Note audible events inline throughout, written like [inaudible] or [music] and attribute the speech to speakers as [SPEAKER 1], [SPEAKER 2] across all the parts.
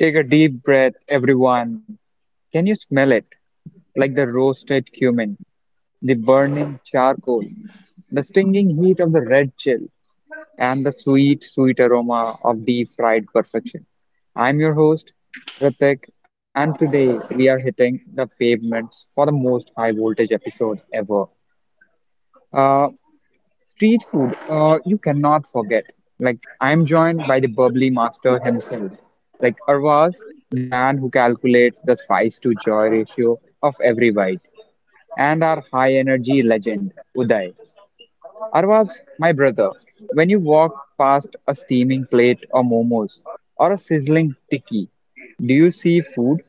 [SPEAKER 1] Take a deep breath, everyone. Can you smell it? The roasted cumin, the burning charcoal, the stinging heat of the red chill, and the sweet, sweet aroma of deep fried perfection. I'm your host, Ritik, and today we are hitting the pavements for the most high voltage episode ever. Uh, Street food, you cannot forget. I'm joined by the bubbly master himself, Arvaz, the man who calculates the spice to joy ratio of every bite, and our high energy legend, Uday. Arvaz, my brother, when you walk past a steaming plate of momos or a sizzling tikki, do you see food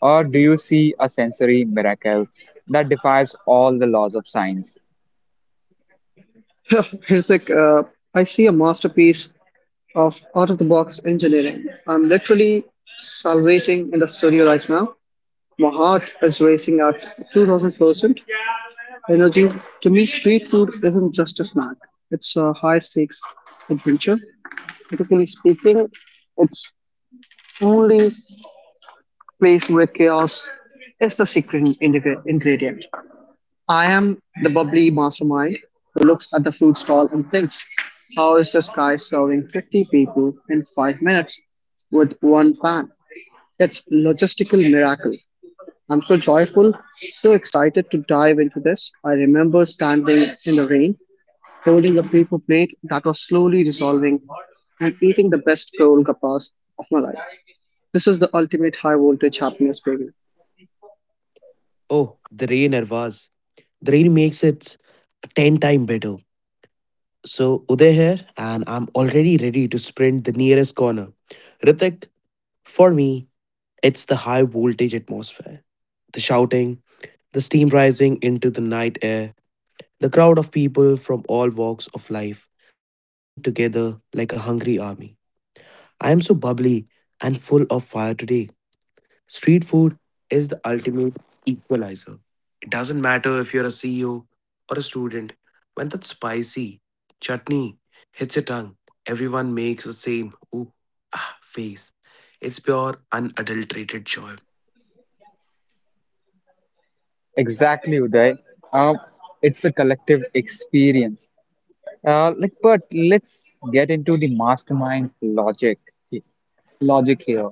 [SPEAKER 1] or do you see a sensory miracle that defies all the laws of science?
[SPEAKER 2] [laughs] Hrithik, I see a masterpiece of out-of-the-box engineering. I'm literally salivating in the studio right now. My heart is racing at 2000% energy. To me, street food isn't just a snack. It's a high-stakes adventure. Critically speaking, it's only place where chaos is the secret ingredient. I am the bubbly mastermind who looks at the food stall and thinks, how is this guy serving 50 people in 5 minutes with one pan? It's logistical miracle. I'm so joyful, so excited to dive into this. I remember standing in the rain, holding a paper plate that was slowly dissolving, and eating the best golgappas of my life. This is the ultimate high voltage happiness program.
[SPEAKER 3] Oh, the rain, Arvaz. The rain makes it 10 times better. So, Uday here, and I'm already ready to sprint the nearest corner. Ritik, for me, it's the high voltage atmosphere. The shouting, the steam rising into the night air, the crowd of people from all walks of life standing together like a hungry army. I am so bubbly and full of fire today. Street food is the ultimate equalizer. It doesn't matter if you're a CEO or a student, when that spicy chutney hits your tongue, everyone makes the same ooh ah face. It's pure unadulterated joy.
[SPEAKER 1] Exactly, Uday. Uh, it's a collective experience. But let's get into the mastermind logic. Logic here.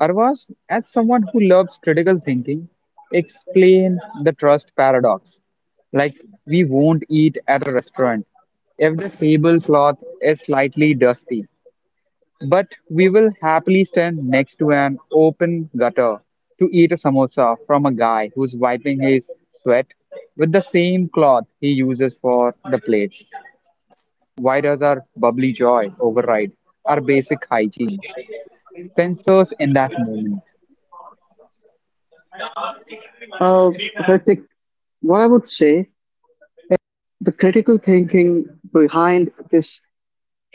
[SPEAKER 1] Arvas, as someone who loves critical thinking, explain the trust paradox. Like, we won't eat at a restaurant if the tablecloth is slightly dusty. But we will happily stand next to an open gutter to eat a samosa from a guy who's wiping his sweat with the same cloth he uses for the plates. Why does our bubbly joy override our basic hygiene sensors in that moment?
[SPEAKER 2] Uh, Hrithik, what I would say the critical thinking behind this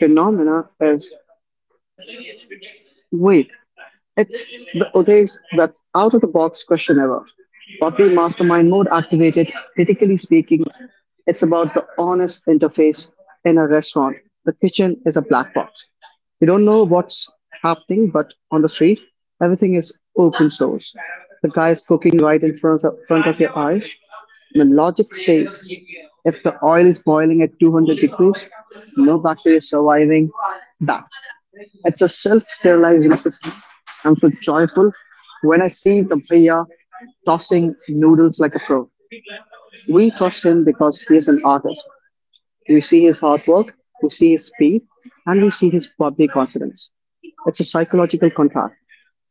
[SPEAKER 2] phenomena is wait, it's the Odays that out of the box question ever. What we mastermind mode activated, critically speaking, it's about the honest interface in a restaurant. The kitchen is a black box. You don't know what's happening, but on the street, everything is open source. The guy is cooking right in front of your eyes. The logic stays, if the oil is boiling at 200 degrees, no bacteria is surviving that. It's a self-sterilizing system. I'm so joyful when I see the Bhaiya tossing noodles like a pro. We trust him because he is an artist. We see his hard work, we see his speed, and we see his public confidence. It's a psychological contract.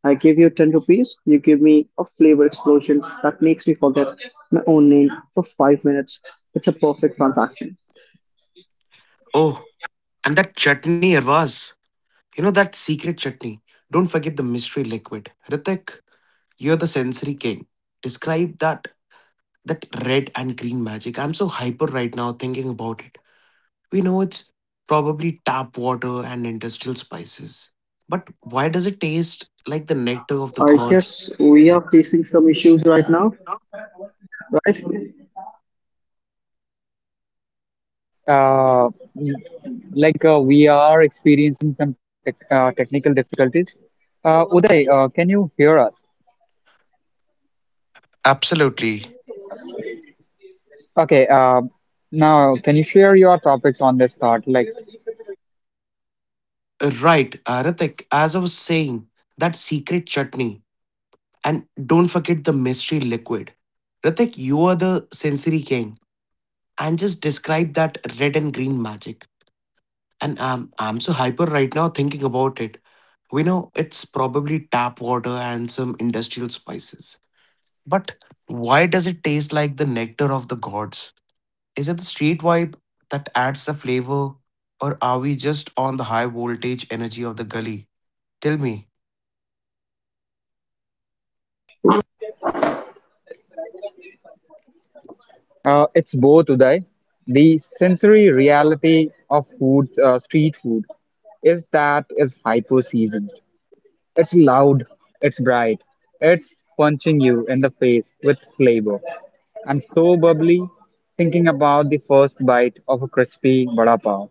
[SPEAKER 2] I give you 10 rupees, you give me a flavor explosion that makes me forget my own name for 5 minutes. It's a perfect transaction.
[SPEAKER 3] Oh, and that chutney it You know that secret chutney. Don't forget the mystery liquid. Ritik, you're the sensory king. Describe that red and green magic. I'm so hyper right now thinking about it. We know it's probably tap water and industrial spices. But why does it taste like the nectar of the
[SPEAKER 2] I
[SPEAKER 3] gods?
[SPEAKER 2] guess we are facing some issues right now, right?
[SPEAKER 1] Uh, we are experiencing some technical difficulties. Uday, can you hear us?
[SPEAKER 3] Absolutely.
[SPEAKER 1] Okay, now can you share your topics on this thought?
[SPEAKER 3] Right, Aratik. As I was saying, that secret chutney. And don't forget the mystery liquid. Ratik, you are the sensory king. And just describe that red and green magic. And I'm so hyper right now thinking about it. We know it's probably tap water and some industrial spices. But why does it taste like the nectar of the gods? Is it the street vibe that adds the flavor, or are we just on the high voltage energy of the gully? Tell me.
[SPEAKER 1] It's both, Uday. The sensory reality of food, street food, is that is hyper seasoned. It's loud, it's bright, it's punching you in the face with flavor. I'm so bubbly thinking about the first bite of a crispy vada pav,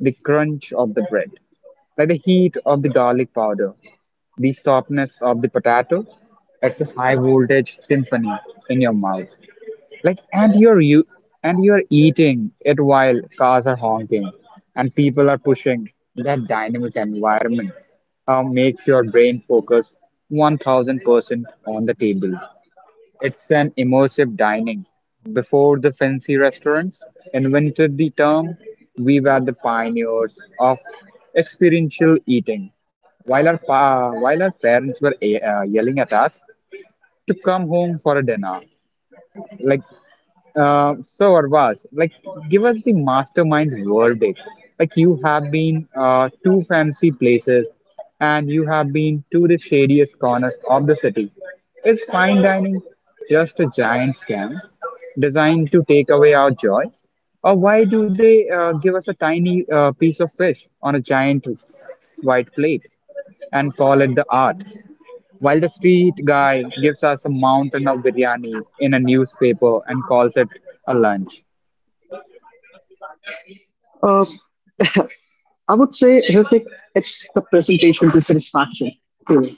[SPEAKER 1] the crunch of the bread, the heat of the garlic powder, the softness of the potato. It's a high voltage symphony in your mouth, like and you're you and you're eating it while cars are honking and people are pushing. That dynamic environment makes your brain focus 1000% on the table. It's an immersive dining before the fancy restaurants invented the term. We were the pioneers of experiential eating while our, parents were yelling at us to come home for a dinner. like so Arvaz, give us the mastermind verdict. You have been to fancy places, and you have been to the shadiest corners of the city. Is fine dining just a giant scam designed to take away our joy, or why do they give us a tiny piece of fish on a giant white plate and call it the art? While the street guy gives us a mountain of biryani in a newspaper and calls it a lunch.
[SPEAKER 2] Uh, I would say, Hrithik, it's the presentation to satisfaction. Truly.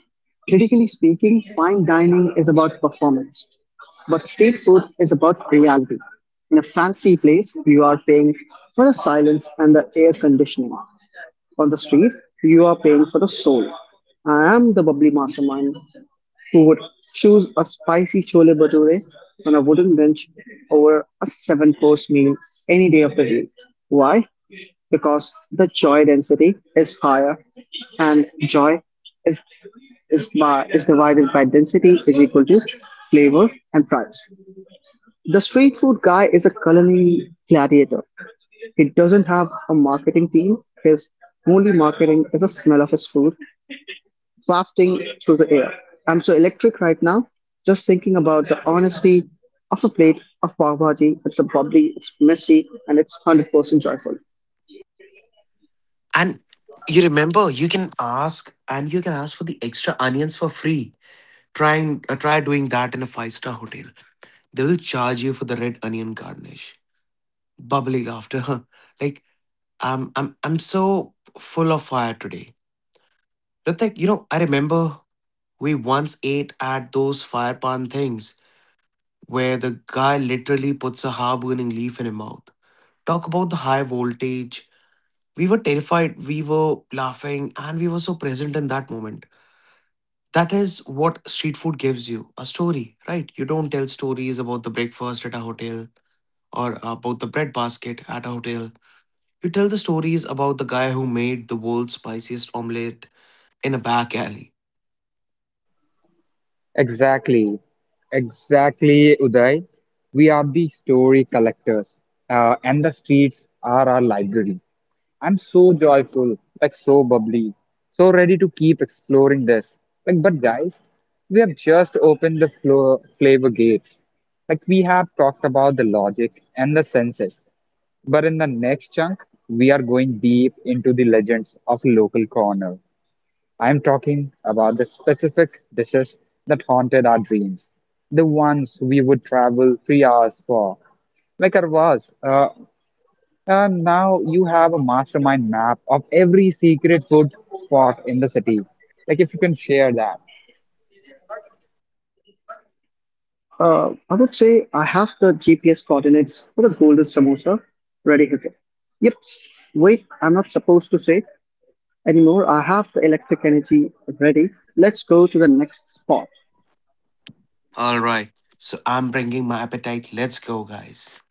[SPEAKER 2] Critically speaking, fine dining is about performance, but street food is about reality. In a fancy place, you are paying for the silence and the air conditioning on the street, you are paying for the soul. I am the bubbly mastermind who would choose a spicy chole bhature on a wooden bench over a seven course meal any day of the week. Why? Because the joy density is higher and joy is is divided by density is equal to flavor and price. The street food guy is a culinary gladiator. He doesn't have a marketing team. His only marketing is the smell of his food wafting through the air. I'm so electric right now, just thinking about the honesty of a plate of pav bhaji. It's a bubbly, it's messy, and it's 100% joyful.
[SPEAKER 3] And you remember, you can ask, and you can ask for the extra onions for free. Try doing that in a five-star hotel. They will charge you for the red onion garnish. Bubbly laughter, huh? Like I'm so full of fire today. Ritik, you know, I remember we once ate at those fire pan things where the guy literally puts a half burning leaf in his mouth. Talk about the high voltage. We were terrified, we were laughing, and we were so present in that moment. That is what street food gives you, a story, right? You don't tell stories about the breakfast at a hotel or about the bread basket at a hotel. You tell the stories about the guy who made the world's spiciest omelette in a back alley.
[SPEAKER 1] Exactly, exactly, Uday. We are the story collectors, and the streets are our library. I'm so joyful, so bubbly, so ready to keep exploring this. But guys, we have just opened the flo flavor gates. We have talked about the logic and the senses, but in the next chunk, we are going deep into the legends of local corner. I am talking about the specific dishes that haunted our dreams, the ones we would travel 3 hours for. Like Arvaz, now you have a mastermind map of every secret food spot in the city. If you can share that.
[SPEAKER 2] I would say I have the GPS coordinates for the golden samosa ready here. Yep, wait, I'm not supposed to say anymore. I have the electric energy ready. Let's go to the next spot.
[SPEAKER 3] All right. So I'm bringing my appetite. Let's go, guys.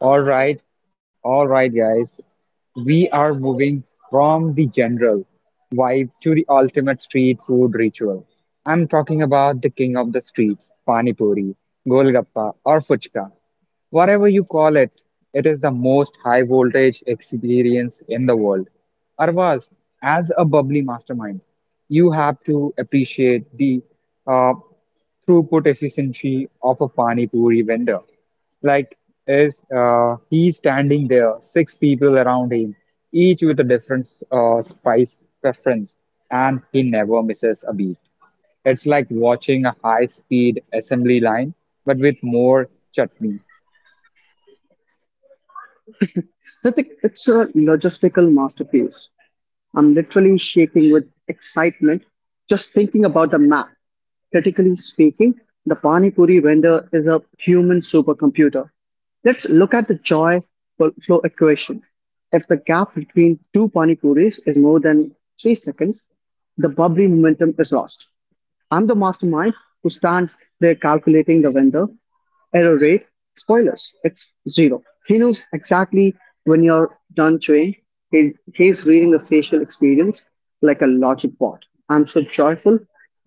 [SPEAKER 1] All right, all right, guys. We are moving from the general vibe to the ultimate street food ritual. I'm talking about the king of the streets, Pani Puri, Golgappa, or Fuchka. Whatever you call it, it is the most high voltage experience in the world. Arvaz, as a bubbly mastermind, you have to appreciate the uh, throughput efficiency of a pani puri vendor. Like, is he standing there, six people around him, each with a different spice preference, and he never misses a beat. It's like watching a high-speed assembly line, but with more chutney.
[SPEAKER 2] I it's a logistical masterpiece. I'm literally shaking with excitement just thinking about the map. Critically speaking, the Pani Puri vendor is a human supercomputer. Let's look at the joy flow equation. If the gap between two Pani Puris is more than 3 seconds, the bubbly momentum is lost. I'm the mastermind who stands there calculating the vendor error rate. Spoilers, it's zero. He knows exactly when you're done chewing. He's reading the facial experience like a logic bot. I'm so joyful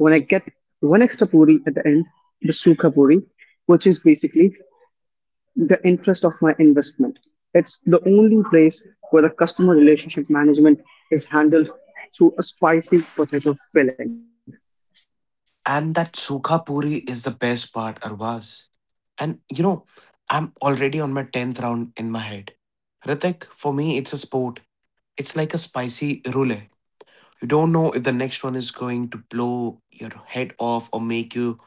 [SPEAKER 2] when I get one extra puri at the end, the sukha puri, which is basically the interest of my investment. It's the only place where the customer relationship management is handled through a spicy potato filling.
[SPEAKER 3] And that sukha puri is the best part, Arvaz. And you know, I'm already on my 10th round in my head. Ritik, for me, it's a sport. It's like a spicy roulette. You don't know if the next one is going to blow your head off or make you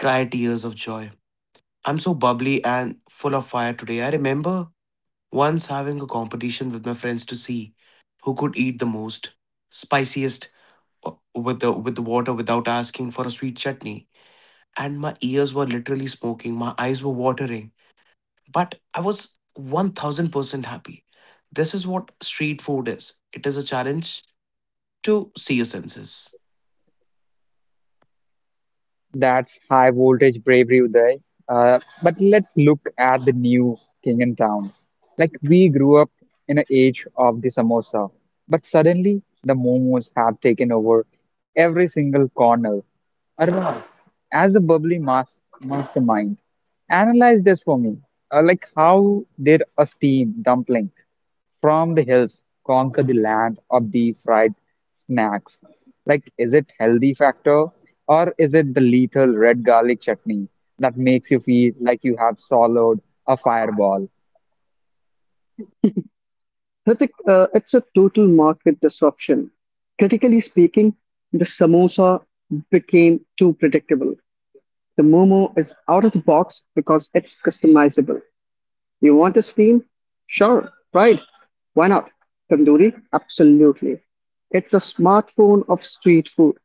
[SPEAKER 3] cry tears of joy. I'm so bubbly and full of fire today. I remember once having a competition with my friends to see who could eat the most, spiciest, with the water without asking for a sweet chutney, and my ears were literally smoking, my eyes were watering, but I was 1000% happy. This is what street food is, it is a challenge to see your senses.
[SPEAKER 1] That's high voltage bravery, Uday. But let's look at the new king in town. We grew up in an age of the samosa, but suddenly the momos have taken over every single corner. Arvind, as a bubbly mastermind, analyze this for me. How did a steam dumpling from the hills conquer the land of the fried snacks? Is it healthy factor or is it the lethal red garlic chutney that makes you feel like you have swallowed a fireball?
[SPEAKER 2] Hrithik, it's a total market disruption. Critically speaking, the samosa became too predictable. The momo is out of the box because it's customizable. You want a steam? Sure, fried. Why not? Tandoori? Absolutely. It's a smartphone of street food.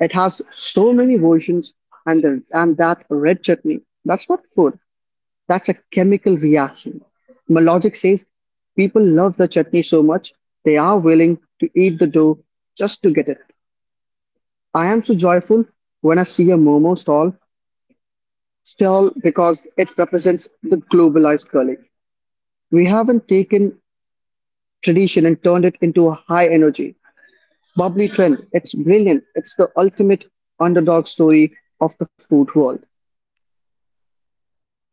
[SPEAKER 2] It has so many versions and that red chutney. That's not food. That's a chemical reaction. My logic says people love the chutney so much they are willing to eat the dough just to get it. I am so joyful when I see a momo stall because it represents the globalized curling. We haven't taken tradition and turned it into a high energy, bubbly trend. It's brilliant. It's the ultimate underdog story of the food world.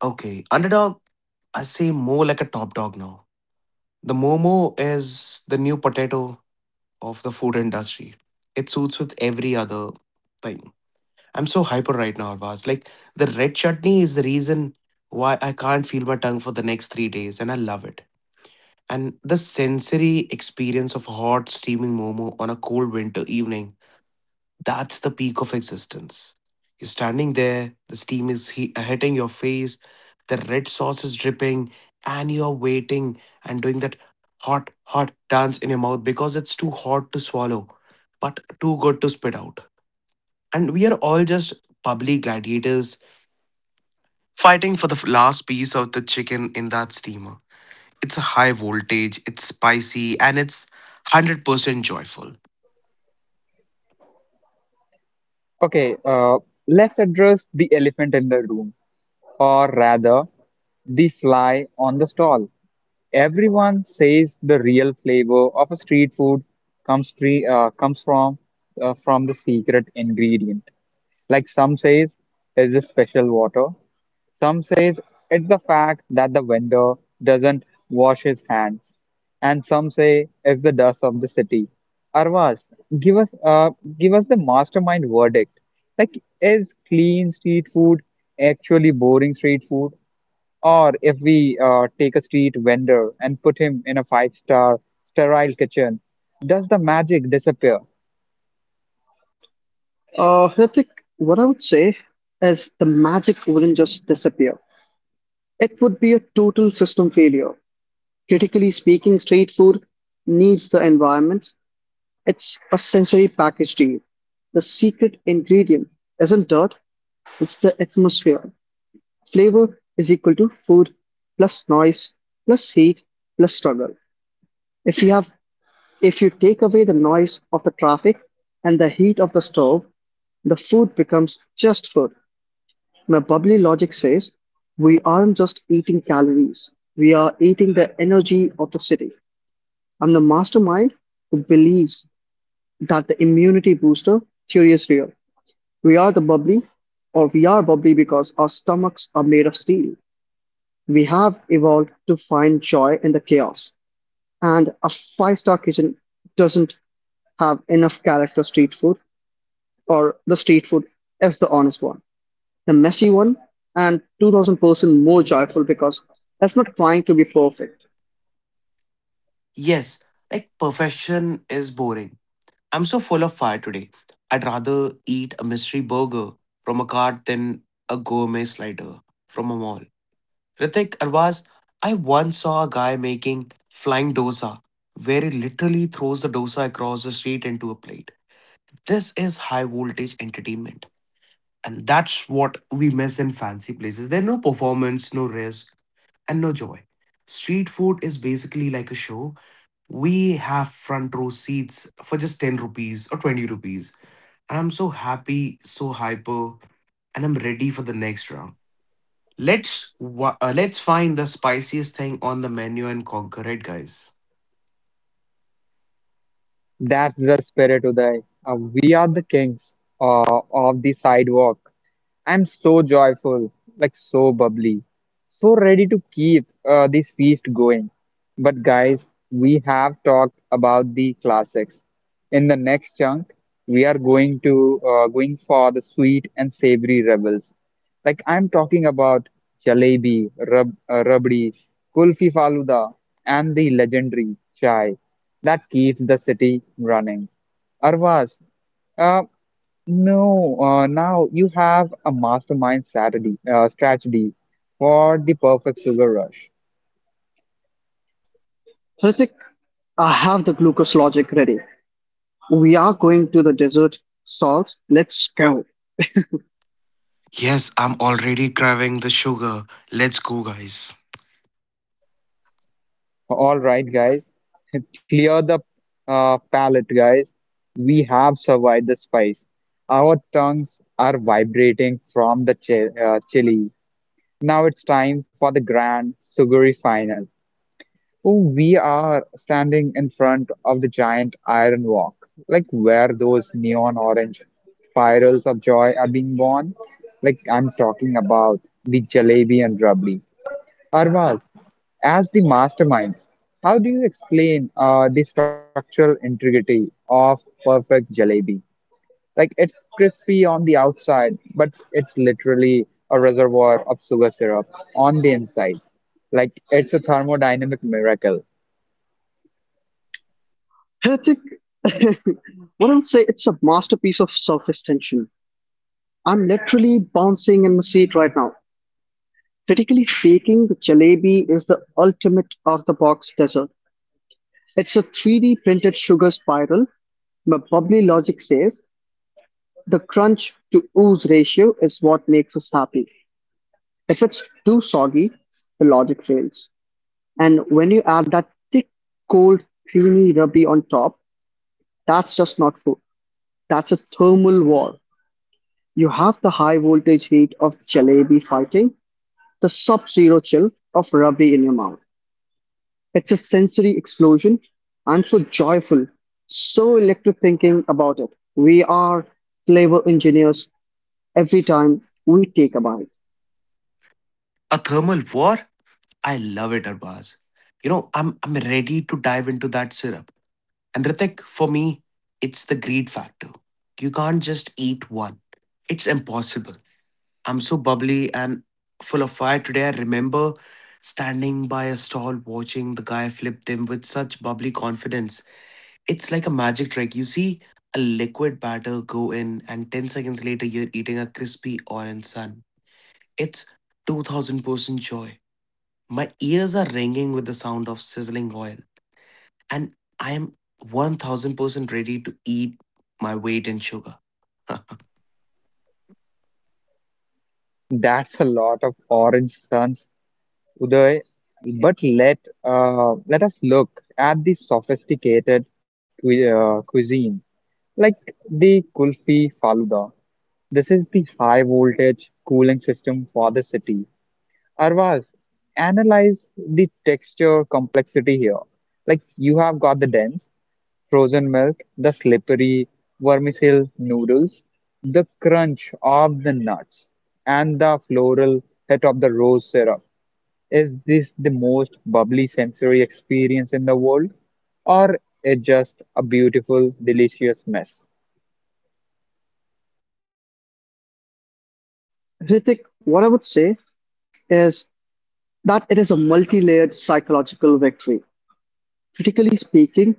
[SPEAKER 3] Okay, underdog, I say more like a top dog now. The momo is the new potato of the food industry, it suits with every other thing. I'm so hyper right now, Arvaz. Like, the red chutney is the reason why I can't feel my tongue for the next 3 days, and I love it. And the sensory experience of hot steaming momo on a cold winter evening, that's the peak of existence. You're standing there, the steam is hitting your face, the red sauce is dripping, and you're waiting and doing that hot hot dance in your mouth because it's too hot to swallow but too good to spit out, and we are all just public gladiators fighting for the last piece of the chicken in that steamer. It's a high voltage, it's spicy, and it's 100% joyful.
[SPEAKER 1] Okay, let's address the elephant in the room, or rather, the fly on the stall. Everyone says the real flavor of a street food comes from the secret ingredient. Some says, is the special water. Some says it's the fact that the vendor doesn't wash his hands, and some say it's the dust of the city. Arvas, give us uh, give us the mastermind verdict. Is clean street food actually boring street food, or if we take a street vendor and put him in a five-star sterile kitchen, does the magic disappear?
[SPEAKER 2] Hrithik, what I would say is the magic wouldn't just disappear. It would be a total system failure. Critically speaking, street food needs the environment. It's a sensory package deal. The secret ingredient isn't dirt, it's the atmosphere. Flavor is equal to food plus noise plus heat plus struggle. If you have if you take away the noise of the traffic and the heat of the stove, the food becomes just food. My bubbly logic says, we aren't just eating calories, we are eating the energy of the city. I'm the mastermind who believes that the immunity booster theory is real. We are the bubbly, we are bubbly because our stomachs are made of steel. We have evolved to find joy in the chaos. And a five-star kitchen doesn't have enough character street food, or the street food is the honest one, the messy one, and 2000% more joyful because that's not trying to be perfect.
[SPEAKER 3] Yes, like perfection is boring. I'm so full of fire today. I'd rather eat a mystery burger from a cart than a gourmet slider from a mall. Ritik, Arvaz, I once saw a guy making flying dosa where he literally throws the dosa across the street into a plate. This is high voltage entertainment. And that's what we miss in fancy places. There's no performance, no risk, and no joy. Street food is basically like a show. We have front row seats for just 10 rupees or 20 rupees. And I'm so happy, so hyper, and I'm ready for the next round. Let's find the spiciest thing on the menu and conquer it, guys.
[SPEAKER 1] That's the spirit, Uday. We are the kings of the sidewalk. I'm so joyful, so bubbly. So ready to keep this feast going. But guys, we have talked about the classics. In the next chunk, we are going for the sweet and savory rebels. I'm talking about jalebi, rabdi, kulfi faluda, and the legendary chai that keeps the city running. Arvas, no, now you have a mastermind strategy for the perfect sugar rush.
[SPEAKER 2] Hrithik, I have the glucose logic ready. We are going to the desert stalls. Let's go.
[SPEAKER 3] Yes, I'm already craving the sugar. Let's go, guys.
[SPEAKER 1] All right, guys, [laughs] clear the palate, guys. We have survived the spice. Our tongues are vibrating from the chili. Now it's time for the grand sugary final. Oh, we are standing in front of the giant iron walk, where those neon orange spirals of joy are being born. I'm talking about the jalebi and rabli. Arvaz, as the mastermind, how do you explain the structural integrity of perfect jalebi? It's crispy on the outside, but it's literally a reservoir of sugar syrup on the inside. It's a thermodynamic miracle.
[SPEAKER 2] Hrithik, [laughs] what I would say, it's a masterpiece of surface tension. I'm literally bouncing in my seat right now. Critically speaking, the jalebi is the ultimate out-the-box dessert. It's a 3D printed sugar spiral. My bubbly logic says the crunch-to-ooze ratio is what makes us happy. If it's too soggy, the logic fails. And when you add that thick, cold, creamy rubby on top, that's just not food. That's a thermal war. You have the high voltage heat of jalebi fighting the sub-zero chill of rubby in your mouth. It's a sensory explosion. I'm so joyful, so electric thinking about it. We are flavor engineers every time we take a bite.
[SPEAKER 3] A thermal war? I love it, Arbaz. You know, I'm ready to dive into that syrup. And Ritik, for me, it's the greed factor. You can't just eat one. It's impossible. I'm so bubbly and full of fire today. I remember standing by a stall watching the guy flip them with such bubbly confidence. It's like a magic trick. You see a liquid batter go in, and 10 seconds later, you're eating a crispy orange sun. It's 2000% joy. My ears are ringing with the sound of sizzling oil, and I am 1000% ready to eat my weight in sugar. [laughs]
[SPEAKER 1] That's a lot of orange suns, Uday. But let us look at the sophisticated cuisine, like the kulfi faluda. This is the high voltage cooling system for the city. Arvaz, analyze the texture complexity here. You have got the dense, frozen milk, the slippery vermicelli noodles, the crunch of the nuts, and the floral hit of the rose syrup. Is this the most bubbly sensory experience in the world, or is just a beautiful, delicious mess?
[SPEAKER 2] Hrithik, what I would say is that it is a multi-layered psychological victory. Critically speaking,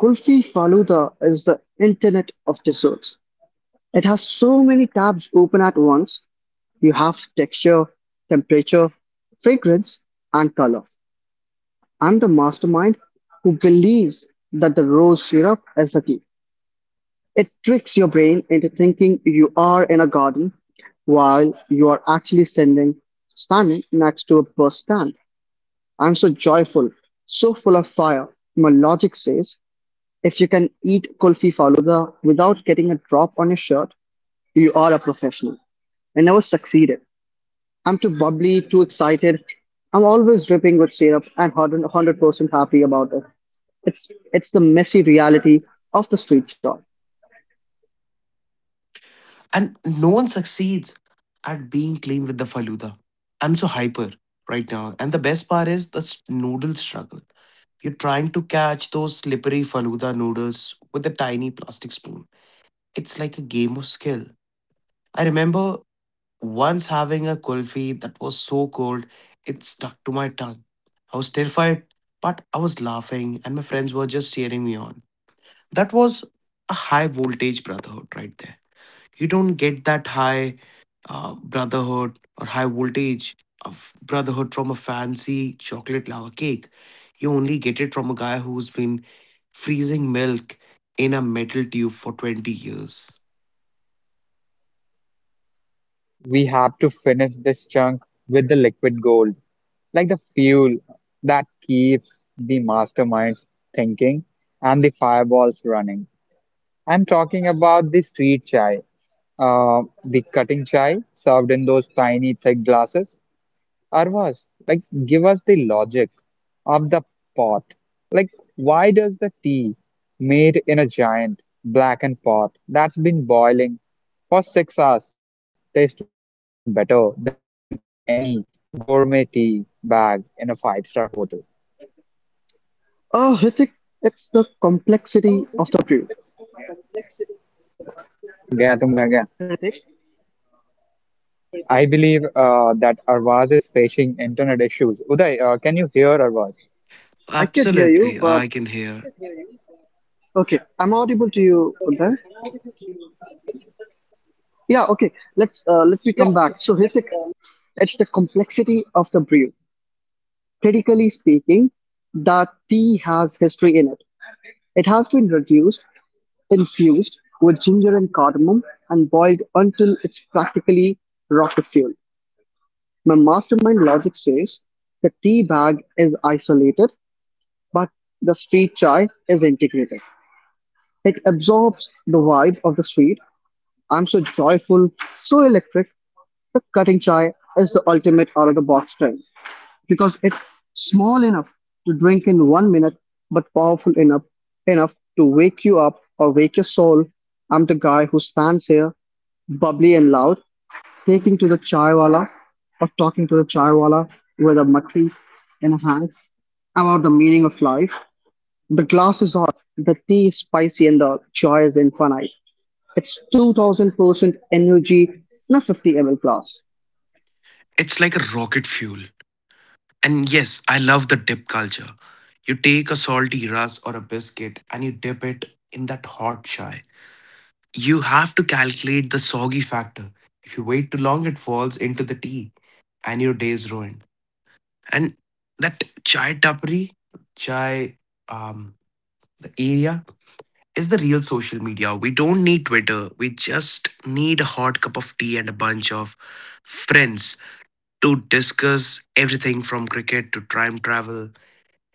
[SPEAKER 2] Kulfi Faluda is the internet of desserts. It has so many tabs open at once. You have texture, temperature, fragrance, and color. I'm the mastermind who believes that the rose syrup is the key. It tricks your brain into thinking you are in a garden while you are actually standing next to a bus stand. I'm so joyful, so full of fire. My logic says if you can eat kulfi faluda without getting a drop on your shirt, you are a professional. I never succeeded. I'm too bubbly, too excited. I'm always dripping with syrup and 100% happy about it. It's the messy reality of the street job.
[SPEAKER 3] And no one succeeds at being clean with the faluda. I'm so hyper right now. And the best part is the noodle struggle. You're trying to catch those slippery faluda noodles with a tiny plastic spoon. It's like a game of skill. I remember once having a kulfi that was so cold, it stuck to my tongue. I was terrified, but I was laughing, and my friends were just cheering me on. That was a high voltage brotherhood right there. You don't get that high brotherhood or high voltage of brotherhood from a fancy chocolate lava cake. You only get it from a guy who's been freezing milk in a metal tube for 20 years.
[SPEAKER 1] We have to finish this chunk with the liquid gold, the fuel that keeps the masterminds thinking and the fireballs running. I'm talking about the street chai, the cutting chai served in those tiny thick glasses. Arvas, give us the logic of the pot. Like, why does the tea made in a giant blackened pot that's been boiling for 6 hours taste better than any gourmet tea bag in a five-star hotel?
[SPEAKER 2] Oh, Hrithik, it's the complexity of the brew. Hrithik?
[SPEAKER 1] I believe that Arvaz is facing internet issues. Uday, can you hear Arvaz?
[SPEAKER 2] I can hear you,
[SPEAKER 3] Absolutely,
[SPEAKER 2] but
[SPEAKER 3] I can hear.
[SPEAKER 2] okay, I'm audible to you, Uday. Yeah, okay. Let me come back. So Hrithik, it's the complexity of the brew. Critically speaking, that tea has history in it. It has been reduced, infused with ginger and cardamom, and boiled until it's practically rocket fuel. My mastermind logic says the tea bag is isolated, but the street chai is integrated. It absorbs the vibe of the street. I'm so joyful, so electric. The cutting chai is the ultimate out of the box drink because it's small enough to drink in 1 minute, but powerful enough to wake you up or wake your soul. I'm the guy who stands here, bubbly and loud, taking to the chaiwala or talking to the chaiwala with a matri in a hand about the meaning of life. The glass is hot, the tea is spicy, and the joy is infinite. It's 2000% energy in a 50 ml glass.
[SPEAKER 3] It's like a rocket fuel. And yes, I love the dip culture. You take a salty ras or a biscuit and you dip it in that hot chai. You have to calculate the soggy factor. If you wait too long, it falls into the tea and your day is ruined. And that chai tapri, chai, um, the area is the real social media. We don't need Twitter. We just need a hot cup of tea and a bunch of friends to discuss everything from cricket to time travel.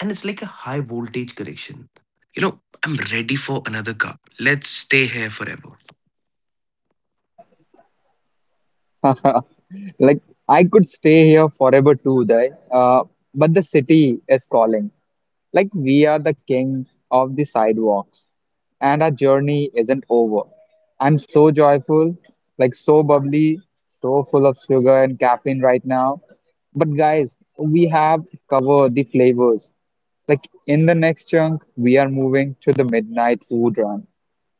[SPEAKER 3] And it's like a high voltage connection. You know, I'm ready for another cup. Let's stay here forever.
[SPEAKER 1] [laughs] Like I could stay here forever too, right? But the city is calling. We are the king of the sidewalks, and our journey isn't over. I'm so joyful, so bubbly, so full of sugar and caffeine right now. But guys, we have covered the flavors. In the next chunk, we are moving to the midnight food run.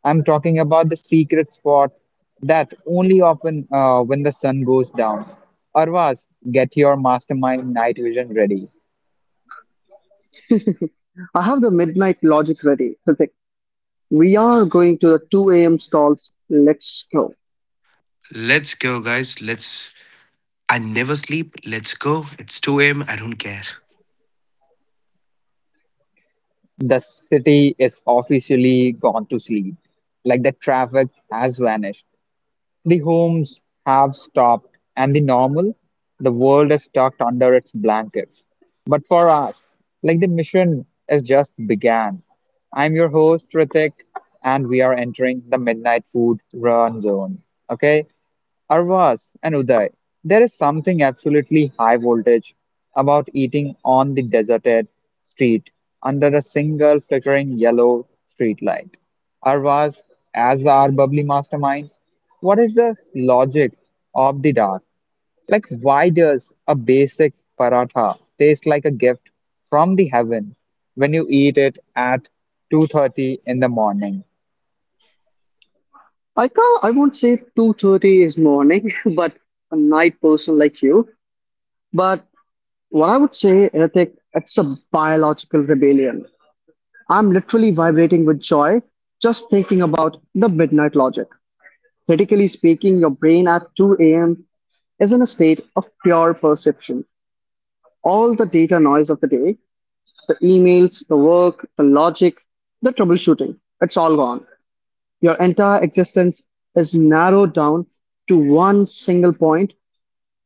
[SPEAKER 1] I'm talking about the secret spot that only open when the sun goes down. Arvaz, get your mastermind night vision ready.
[SPEAKER 2] I have the midnight logic ready. Pratik, we are going to the 2 a.m. stalls. Let's go.
[SPEAKER 3] Let's go, guys. Let's I never sleep. Let's go. It's 2 a.m. I don't care.
[SPEAKER 1] The city is officially gone to sleep, the traffic has vanished. The homes have stopped, and the normal, the world is tucked under its blankets. But for us, the mission has just began. I'm your host, Ritik, and we are entering the midnight food run zone. Okay? Arvas and Uday, there is something absolutely high voltage about eating on the deserted street under a single flickering yellow streetlight. Arvas, as our bubbly mastermind, what is the logic of the dark? Why does a basic paratha taste like a gift from the heaven when you eat it at 2:30 in the morning?
[SPEAKER 2] I can't, I won't say 2:30 is morning, [laughs] but a night person like you. But what I would say, Hrithik, it's a biological rebellion. I'm literally vibrating with joy just thinking about the midnight logic. Critically speaking, your brain at 2 a.m. is in a state of pure perception. All the data noise of the day, the emails, the work, the logic, the troubleshooting, it's all gone. Your entire existence is narrowed down to one single point.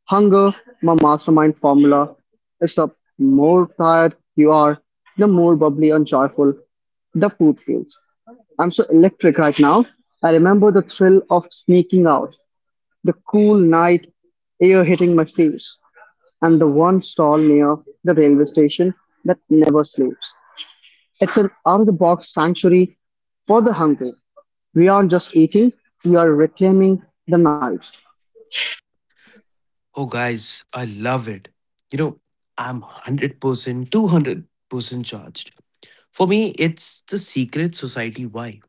[SPEAKER 2] Hunger, my mastermind formula, is the more tired you are, the more bubbly and joyful the food feels. I'm so electric right now. I remember the thrill of sneaking out, the cool night air hitting my face, and the one stall near the railway station that never sleeps. It's an out of the box sanctuary for the hungry. We aren't just eating, we are reclaiming the night.
[SPEAKER 3] Oh, guys, I love it. You know, I'm 100%, 200% charged. For me, it's the secret society vibe.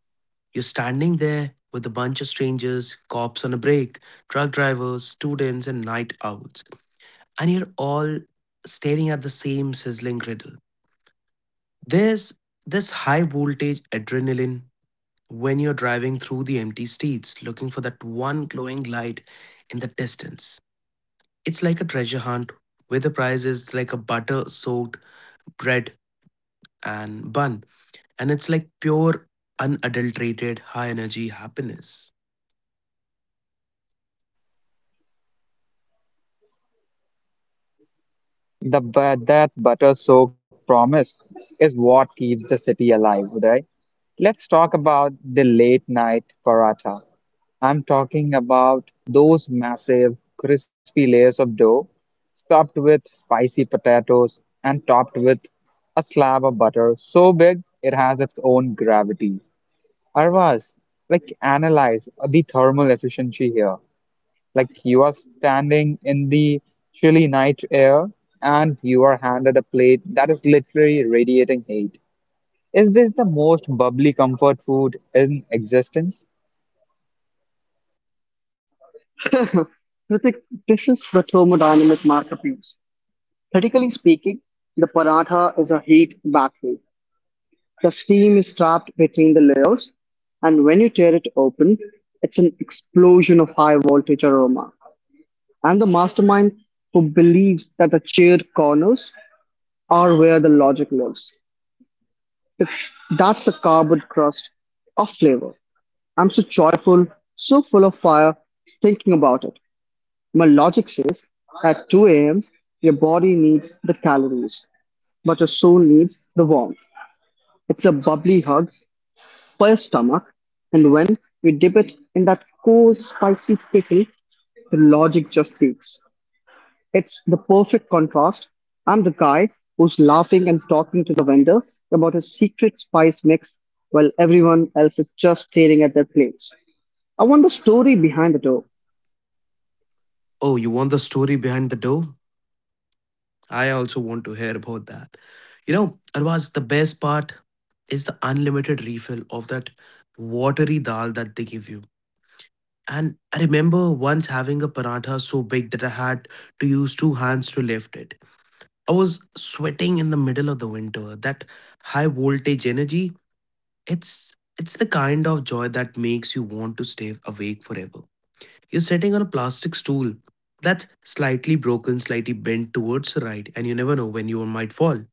[SPEAKER 3] You're standing there with a bunch of strangers, cops on a break, truck drivers, students, and night owls. And you're all staring at the same sizzling griddle. There's this high voltage adrenaline when you're driving through the empty streets looking for that one glowing light in the distance. It's like a treasure hunt where the prize is like a butter soaked bread and bun, and it's like pure, unadulterated, high energy happiness.
[SPEAKER 1] The but that butter soak promise is what keeps the city alive, Uday. Let's talk about the late night paratha. I'm talking about those massive, crispy layers of dough, stuffed with spicy potatoes and topped with a slab of butter so big it has its own gravity. Arvaz, analyze the thermal efficiency here, you are standing in the chilly night air and you are handed a plate that is literally radiating heat. Is this the most bubbly comfort food in existence?
[SPEAKER 2] [laughs] Ritik, this is the thermodynamic masterpiece. Critically speaking, the paratha is a heat battery. The steam is trapped between the layers, and when you tear it open, it's an explosion of high voltage aroma. I'm the mastermind who believes that the chair corners are where the logic lives. Th- That's the carbon crust of flavor. I'm so joyful, so full of fire thinking about it. My logic says at 2 a.m., your body needs the calories, but your soul needs the warmth. It's a bubbly hug for your stomach, and when we dip it in that cold, spicy pickle, the logic just peaks. It's the perfect contrast. I'm the guy who's laughing and talking to the vendor about his secret spice mix while everyone else is just staring at their plates. I want the story behind the dough.
[SPEAKER 3] Oh, you want the story behind the door? I also want to hear about that. You know, Arvaz, the best part is the unlimited refill of that watery dal that they give you. And I remember once having a paratha so big that I had to use two hands to lift it. I was sweating in the middle of the winter. That high voltage energy, it's it's the kind of joy that makes you want to stay awake forever. You're sitting on a plastic stool that's slightly broken, slightly bent towards the right, and you never know when you might fall.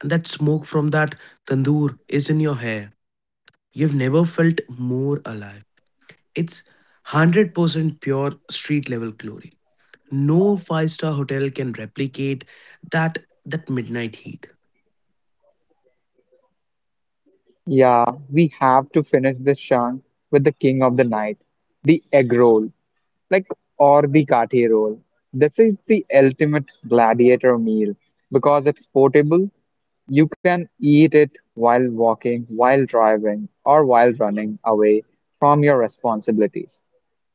[SPEAKER 3] And that smoke from that tandoor is in your hair. You've never felt more alive. It's 100% pure street level glory. No five-star hotel can replicate that that midnight heat.
[SPEAKER 1] Yeah, we have to finish this, Sean, with the king of the night, the egg roll, like or the Kathi roll. This is the ultimate gladiator meal because it's portable. You can eat it while walking, while driving, or while running away from your responsibilities.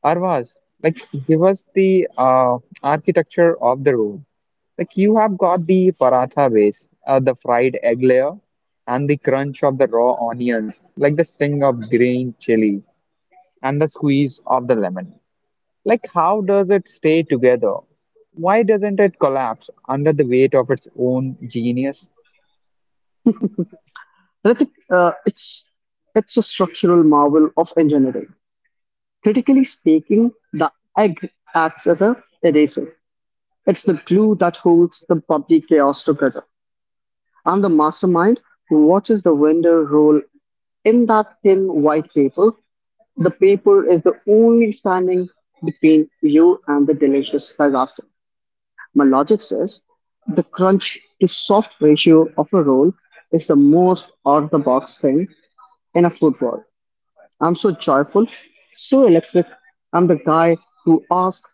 [SPEAKER 1] Arvaz, like give us the architecture of the room. Like you have got the paratha base, the fried egg layer, and the crunch of the raw onions, like the sting of green chili and the squeeze of the lemon. Like, how does it stay together? Why doesn't it collapse under the weight of its own genius?
[SPEAKER 2] And I think it's a structural marvel of engineering. Critically speaking, the egg acts as a eraser. It's the glue that holds the bubbly chaos together. I'm the mastermind who watches the vendor roll in that thin white paper. The paper is the only standing between you and the delicious disaster. My logic says the crunch to soft ratio of a roll is the most out of the box thing in a food world. I'm so joyful, so electric. I'm the guy who asks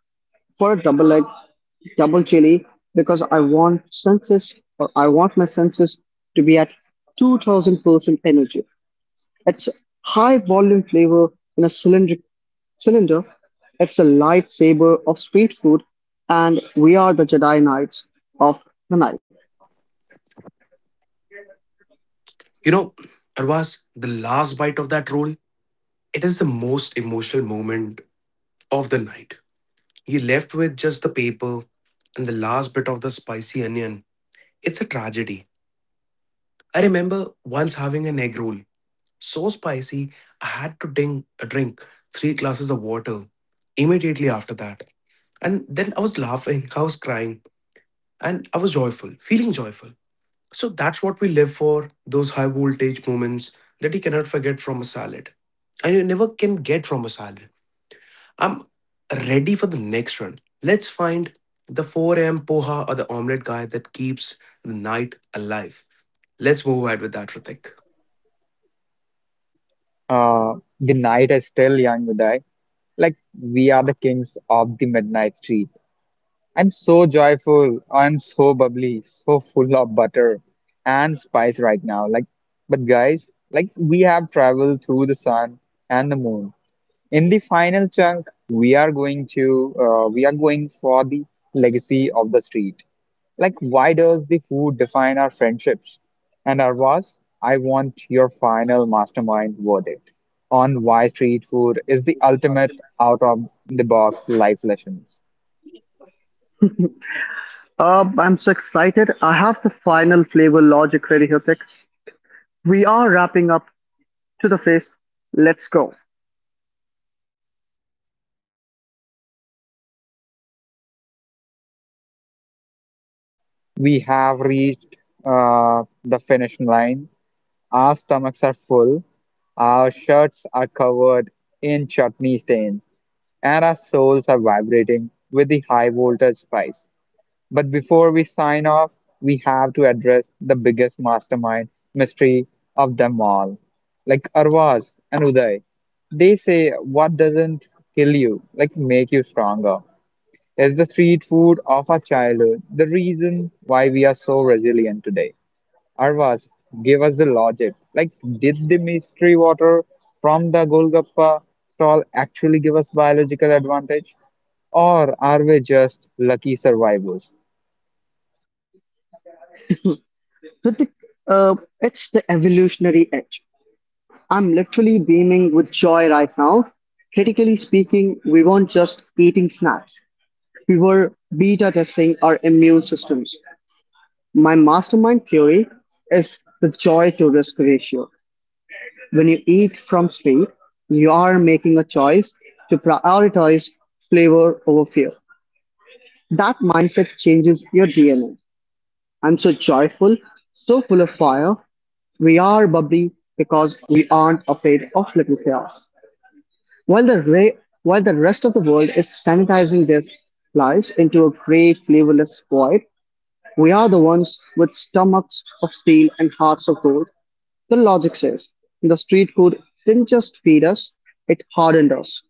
[SPEAKER 2] for a double egg, double chili because I want senses or I want my senses to be at 2000% energy. It's high volume flavor in a cylindrical cylinder. It's the lightsaber of street food, and we are the Jedi Knights of the night.
[SPEAKER 3] You know, Arvas, the last bite of that roll, it is the most emotional moment of the night. You are left with just the paper and the last bit of the spicy onion. It's a tragedy. I remember once having an egg roll so spicy I had to drink three glasses of water immediately after that, and then I was laughing, I was crying, and I was joyful feeling joyful. So that's what we live for, those high voltage moments that you cannot forget from a salad. And you never can get from a salad. I'm ready for the next run. Let's find the 4 a.m. poha or the omelette guy that keeps the night alive. Let's move ahead with that, Ritik.
[SPEAKER 1] Uh, the night is still young, Uday. Like, we are the kings of the midnight street. I'm so joyful, I'm so bubbly, so full of butter and spice right now. Like, but guys, like, we have traveled through the sun and the moon. In the final chunk, we are going to we are going for the legacy of the street. Like, why does the food define our friendships? And Arvaz, I want your final mastermind verdict on why street food is the ultimate out of the box life lessons.
[SPEAKER 2] I'm so excited. I have the final flavor logic ready here, Pick. We are wrapping up to the face. Let's go.
[SPEAKER 1] We have reached the finish line. Our stomachs are full, our shirts are covered in chutney stains, and our souls are vibrating with the high voltage spice. But before we sign off, we have to address the biggest mastermind mystery of them all. Like Arvaz and Uday, they say what doesn't kill you, like make you stronger. Is the street food of our childhood the reason why we are so resilient today? Arvas give us the logic. Like, did the mystery water from the Golgappa stall actually give us biological advantage? Or are we just lucky survivors?
[SPEAKER 2] Ritik, uh, it's the evolutionary edge. I'm literally beaming with joy right now. Critically speaking, we weren't just eating snacks. We were beta testing our immune systems. My mastermind theory is the joy to risk ratio. When you eat from sleep, you are making a choice to prioritize flavor over fear. That mindset changes your DNA. I'm so joyful, so full of fire. We are bubbly because we aren't afraid of little chaos. While the, re- while the rest of the world is sanitizing their lives into a grey, flavorless void, we are the ones with stomachs of steel and hearts of gold. The logic says the street food didn't just feed us, it hardened us.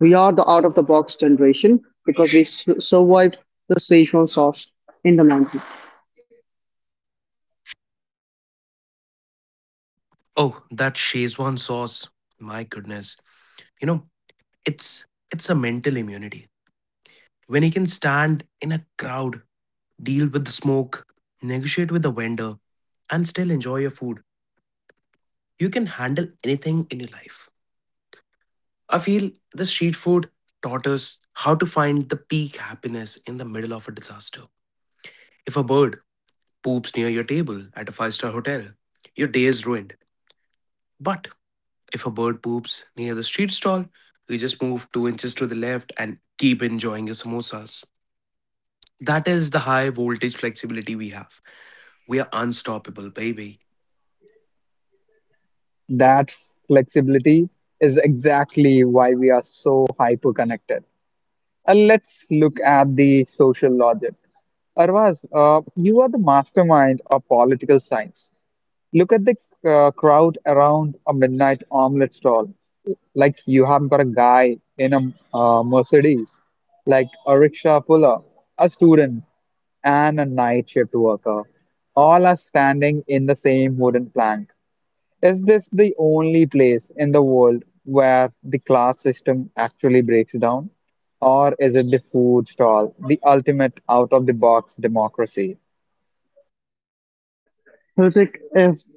[SPEAKER 2] We are the out of the box generation because we survived the Szechuan sauce in the 90s.
[SPEAKER 3] Oh, that Shezwan sauce. My goodness. You know, it's it's a mental immunity. When you can stand in a crowd, deal with the smoke, negotiate with the vendor, and still enjoy your food, you can handle anything in your life. I feel the street food taught us how to find the peak happiness in the middle of a disaster. If a bird poops near your table at a five-star hotel, your day is ruined. But if a bird poops near the street stall, you just move 2 inches to the left and keep enjoying your samosas. That is the high voltage flexibility we have. We are unstoppable, baby.
[SPEAKER 1] That flexibility is exactly why we are so hyper-connected. Let's look at the social logic. Arvaz, you are the mastermind of political science. Look at the crowd around a midnight omelet stall. Like you have got a guy in a Mercedes, like a rickshaw puller, a student, and a night shift worker. All are standing in the same wooden plank. Is this the only place in the world where the class system actually breaks down? Or is it the food stall, the ultimate out of the box democracy?
[SPEAKER 2] Hrithik, if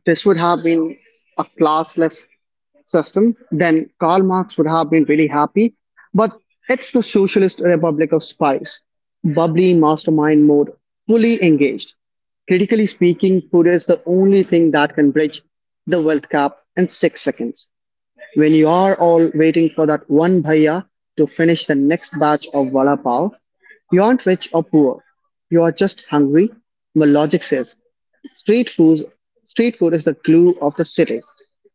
[SPEAKER 2] this would have been a classless system, then Karl Marx would have been really happy. But it's the Socialist Republic of Spies, bubbly mastermind mode, fully engaged. Critically speaking, food is the only thing that can bridge the wealth gap in 6 seconds. When you're all waiting for that one bhaiya to finish the next batch of vada pav, you aren't rich or poor. You are just hungry. My logic says street food, street food is the glue of the city.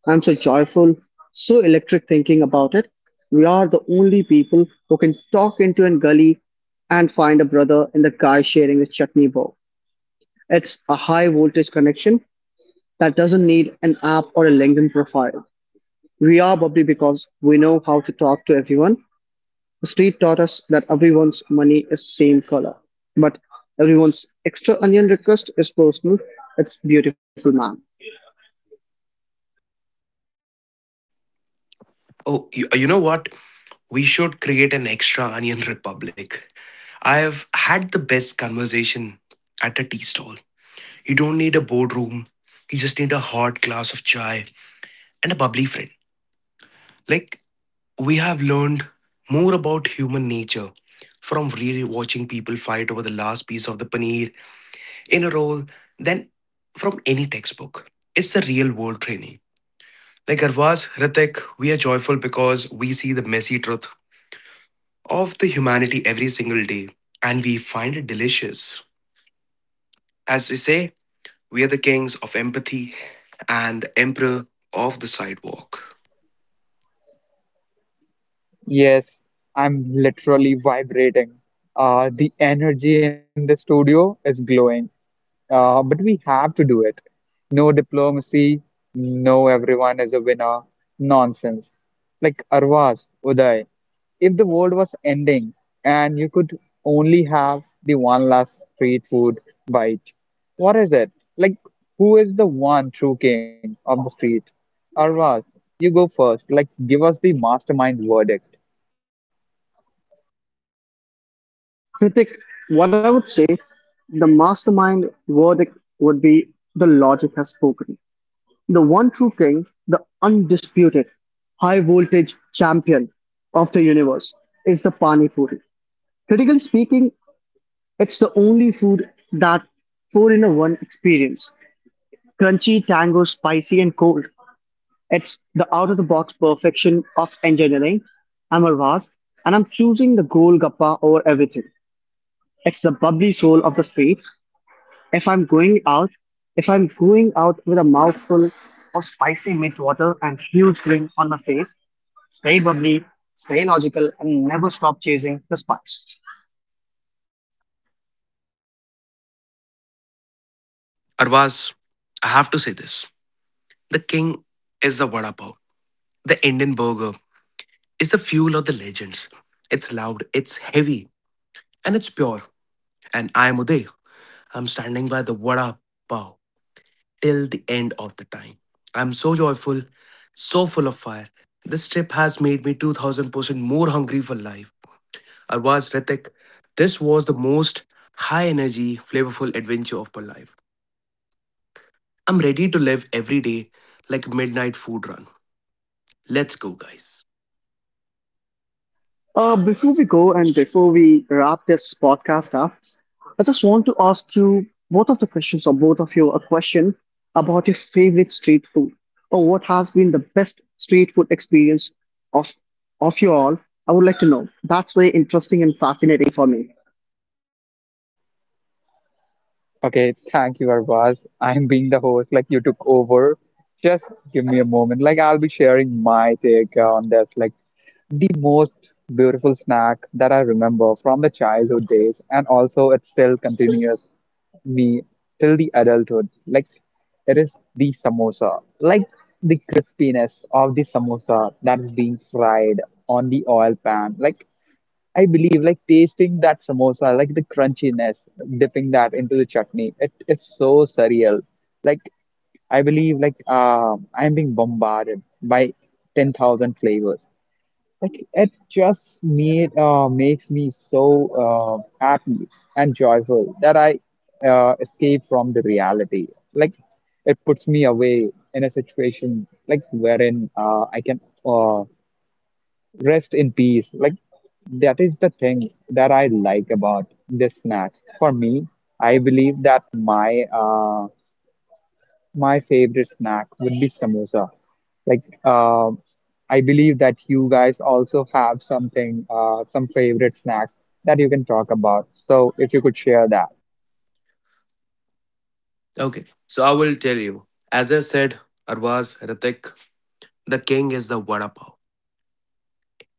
[SPEAKER 2] I'm so joyful, so electric thinking about it. We are the only people who can talk into an gully and find a brother in the guy sharing a chutney bowl. It's a high voltage connection that doesn't need an app or a LinkedIn profile. We are bubbly because we know how to talk to everyone. The street taught us that everyone's money is same color, but everyone's extra onion request is personal. It's beautiful, man.
[SPEAKER 3] Oh, you know what? We should create an extra onion republic. I've had the best conversation at a tea stall. You don't need a boardroom, you just need a hot glass of chai and a bubbly friend. Like, we have learned more about human nature from really watching people fight over the last piece of the paneer in a roll than from any textbook. It's the real world training. Like Arvaz, Ritek, we are joyful because we see the messy truth of the humanity every single day, and we find it delicious. As we say, we are the kings of empathy and the emperor of the sidewalk.
[SPEAKER 1] Yes, I'm literally vibrating. The energy in the studio is glowing. But we have to do it. No diplomacy, no everyone is a winner, nonsense. Like Arvaz, Uday, if the world was ending and you could only have the one last street food bite, what is it? Like, who is the one true king of the street? Arvaz, you go first. Like, give us the mastermind verdict.
[SPEAKER 2] Ritik, what I would say, the mastermind verdict would be the logic has spoken. The one true king, the undisputed, high voltage champion of the universe is the pani puri. Critically speaking, it's the only food that four in a one experience. Crunchy, tango, spicy, and cold. It's the out of the box perfection of engineering. I'm Arvaz, and I'm choosing the Golgappa over everything. It's the bubbly soul of the street. If I'm going out, if I'm going out with a mouthful of spicy meat water and huge grin on my face, stay bubbly, stay logical, and never stop chasing the spice.
[SPEAKER 3] Arvaz, I have to say this. The king is the vada pav. The Indian burger is the fuel of the legends. It's loud, it's heavy, and it's pure. And I am Uday. I'm standing by the vada pav till the end of the time. I'm so joyful, so full of fire. This trip has made me 2000% more hungry for life. I was Ritik. This was the most high energy, flavorful adventure of my life. I'm ready to live every day like a midnight food run. Let's go, guys.
[SPEAKER 2] Before we go and before we wrap this podcast up, I just want to ask you both of the questions or both of you a question about your favorite street food or what has been the best street experience of of you all. I would like to know. That's very interesting and fascinating for me.
[SPEAKER 1] Okay, thank you, Arvaz. I'm being the host, like you took over. Just give me a moment. Like I'll be sharing my take on this. Like the most beautiful snack that I remember from the childhood days, and also it still continues me till the adulthood. Like it is the samosa, like the crispiness of the samosa that is being fried on the oil pan. Like I believe like tasting that samosa, like the crunchiness, dipping that into the chutney, it is so surreal. Like I believe like I'm being bombarded by 10,000 flavors. Like it just made makes me so happy and joyful that I escape from the reality. Like it puts me away in a situation like wherein I can uh, rest in peace. Like that is the thing that I like about this snack. For me, I believe that my favorite snack would be samosa. Like uh, I believe that you guys also have something, some favorite snacks that you can talk about. So if you could share that.
[SPEAKER 3] Okay, so I will tell you. As I said, Arvaz, Ritik, the king is the vada pav.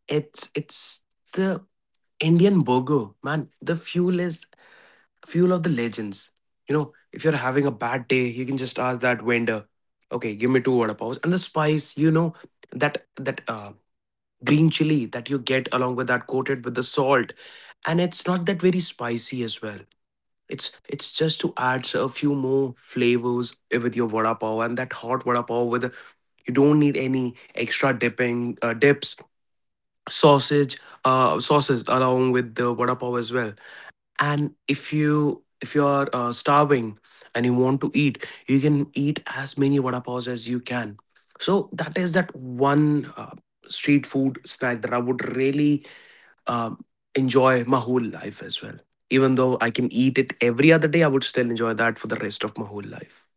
[SPEAKER 3] It's the Indian burger, man. The fuel of the legends. You know, if you're having a bad day, you can just ask that vendor, okay, give me two vada pavs. And the spice, you know, that green chili that you get along with that, coated with the salt, and it's not that very spicy as well. It's just to add a few more flavors with your vada pav, and that hot vada pav with you don't need any extra dipping dips sausage sauces along with the vada pav as well. And if you if you're starving and you want to eat, you can eat as many vada paws as you can. So that is that one street food snack that I would really um, enjoy my whole life as well. Even though I can eat it every other day, I would still enjoy that for the rest of my whole life.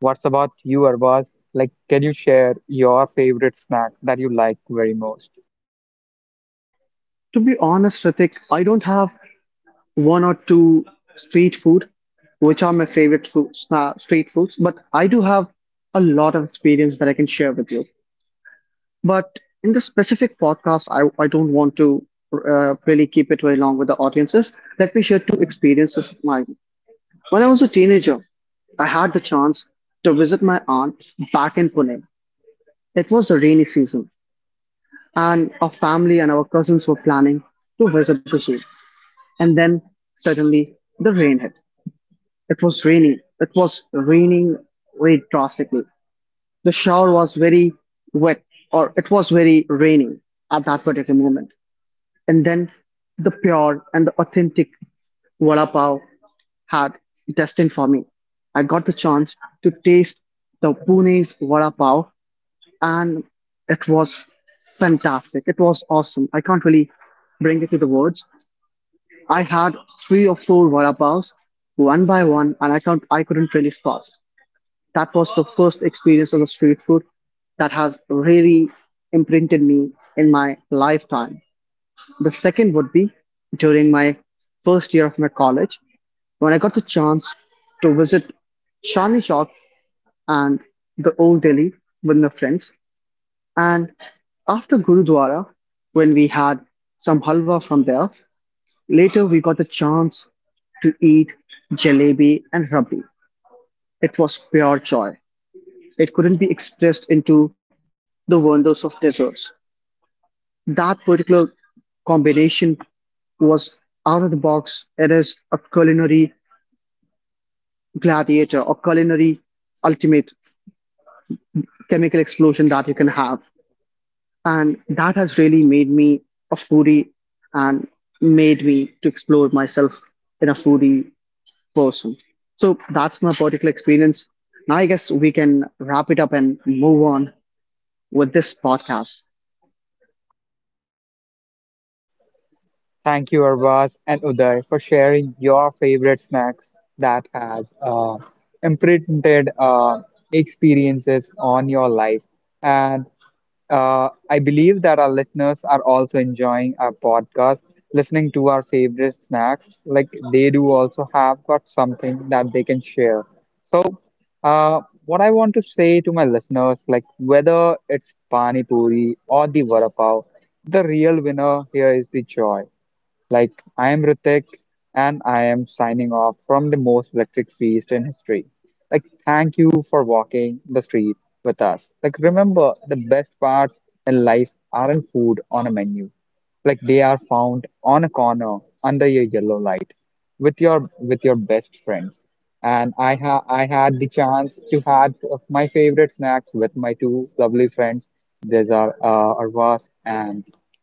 [SPEAKER 1] What's about you, Arbaz? Like, can you share your favorite snack that you like very most?
[SPEAKER 2] To be honest, Ritik, I don't have one or two street food which are my favorite food, street foods, but I do have a lot of experience that I can share with you. But in this specific podcast, I don't want to really keep it very long with the audiences. Let me share two experiences of mine. When I was a teenager, I had the chance to visit my aunt back in Pune. It was the rainy season, and our family and our cousins were planning to visit the zoo. And then suddenly the rain hit. It was raining. It was raining very drastically. The shower was very wet, or it was very raining at that particular moment. And then the pure and the authentic vada pav had destined for me. I got the chance to taste the Pune's vada pav, and it was fantastic. It was awesome. I can't really bring it to the words. I had three or four vada pavs, one by one, and I can't. I couldn't really stop. That was the first experience of the street food that has really imprinted me in my lifetime. The second would be during my first year of my college, when I got the chance to visit Chandni Chowk and the Old Delhi with my friends. And after Gurudwara, when we had some halwa from there, later we got the chance to eat jalebi and rabdi. It was pure joy. It couldn't be expressed into the wonders of desserts. That particular combination was out of the box. It is a culinary gladiator or culinary ultimate chemical explosion that you can have. And that has really made me a foodie and made me to explore myself in a foodie person. So that's my particular experience. Now I guess we can wrap it up and move on with this podcast.
[SPEAKER 1] Thank you, Arvaz and Uday, for sharing your favorite snacks that has imprinted experiences on your life. And I believe that our listeners are also enjoying our podcast, listening to our favorite snacks. Like they do also have got something that they can share. So, what I want to say to my listeners, like whether it's pani puri or the vada pav, the real winner here is the joy. Like I'm Ritik and I am signing off from the most electric feast in history. Like thank you for walking the street with us. Like remember the best parts in life aren't food on a menu. Like they are found on a corner under your yellow light with your best friends. And I had the chance to had my favorite snacks with my two lovely friends. These are Arvas and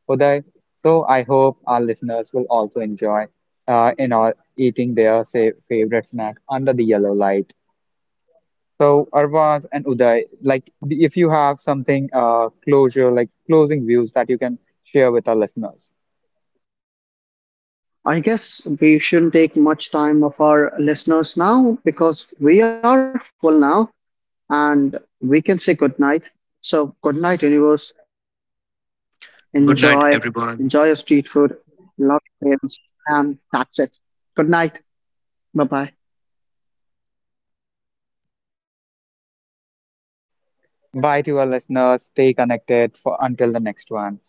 [SPEAKER 1] Uday. So I hope our listeners will also enjoy eating their say, favorite snack under the yellow light. So, Arvaz and Uday, like if you have something closure, like closing views that you can share with our listeners.
[SPEAKER 2] I guess we shouldn't take much time of our listeners now because we are full now, and we can say good night. So good night, universe. Enjoy, enjoy your street
[SPEAKER 3] Good
[SPEAKER 2] food,
[SPEAKER 3] night,
[SPEAKER 2] love your
[SPEAKER 3] everyone.
[SPEAKER 2] parents, and that's it. Good night. Bye bye.
[SPEAKER 1] Bye to our listeners. Stay connected for until the next one.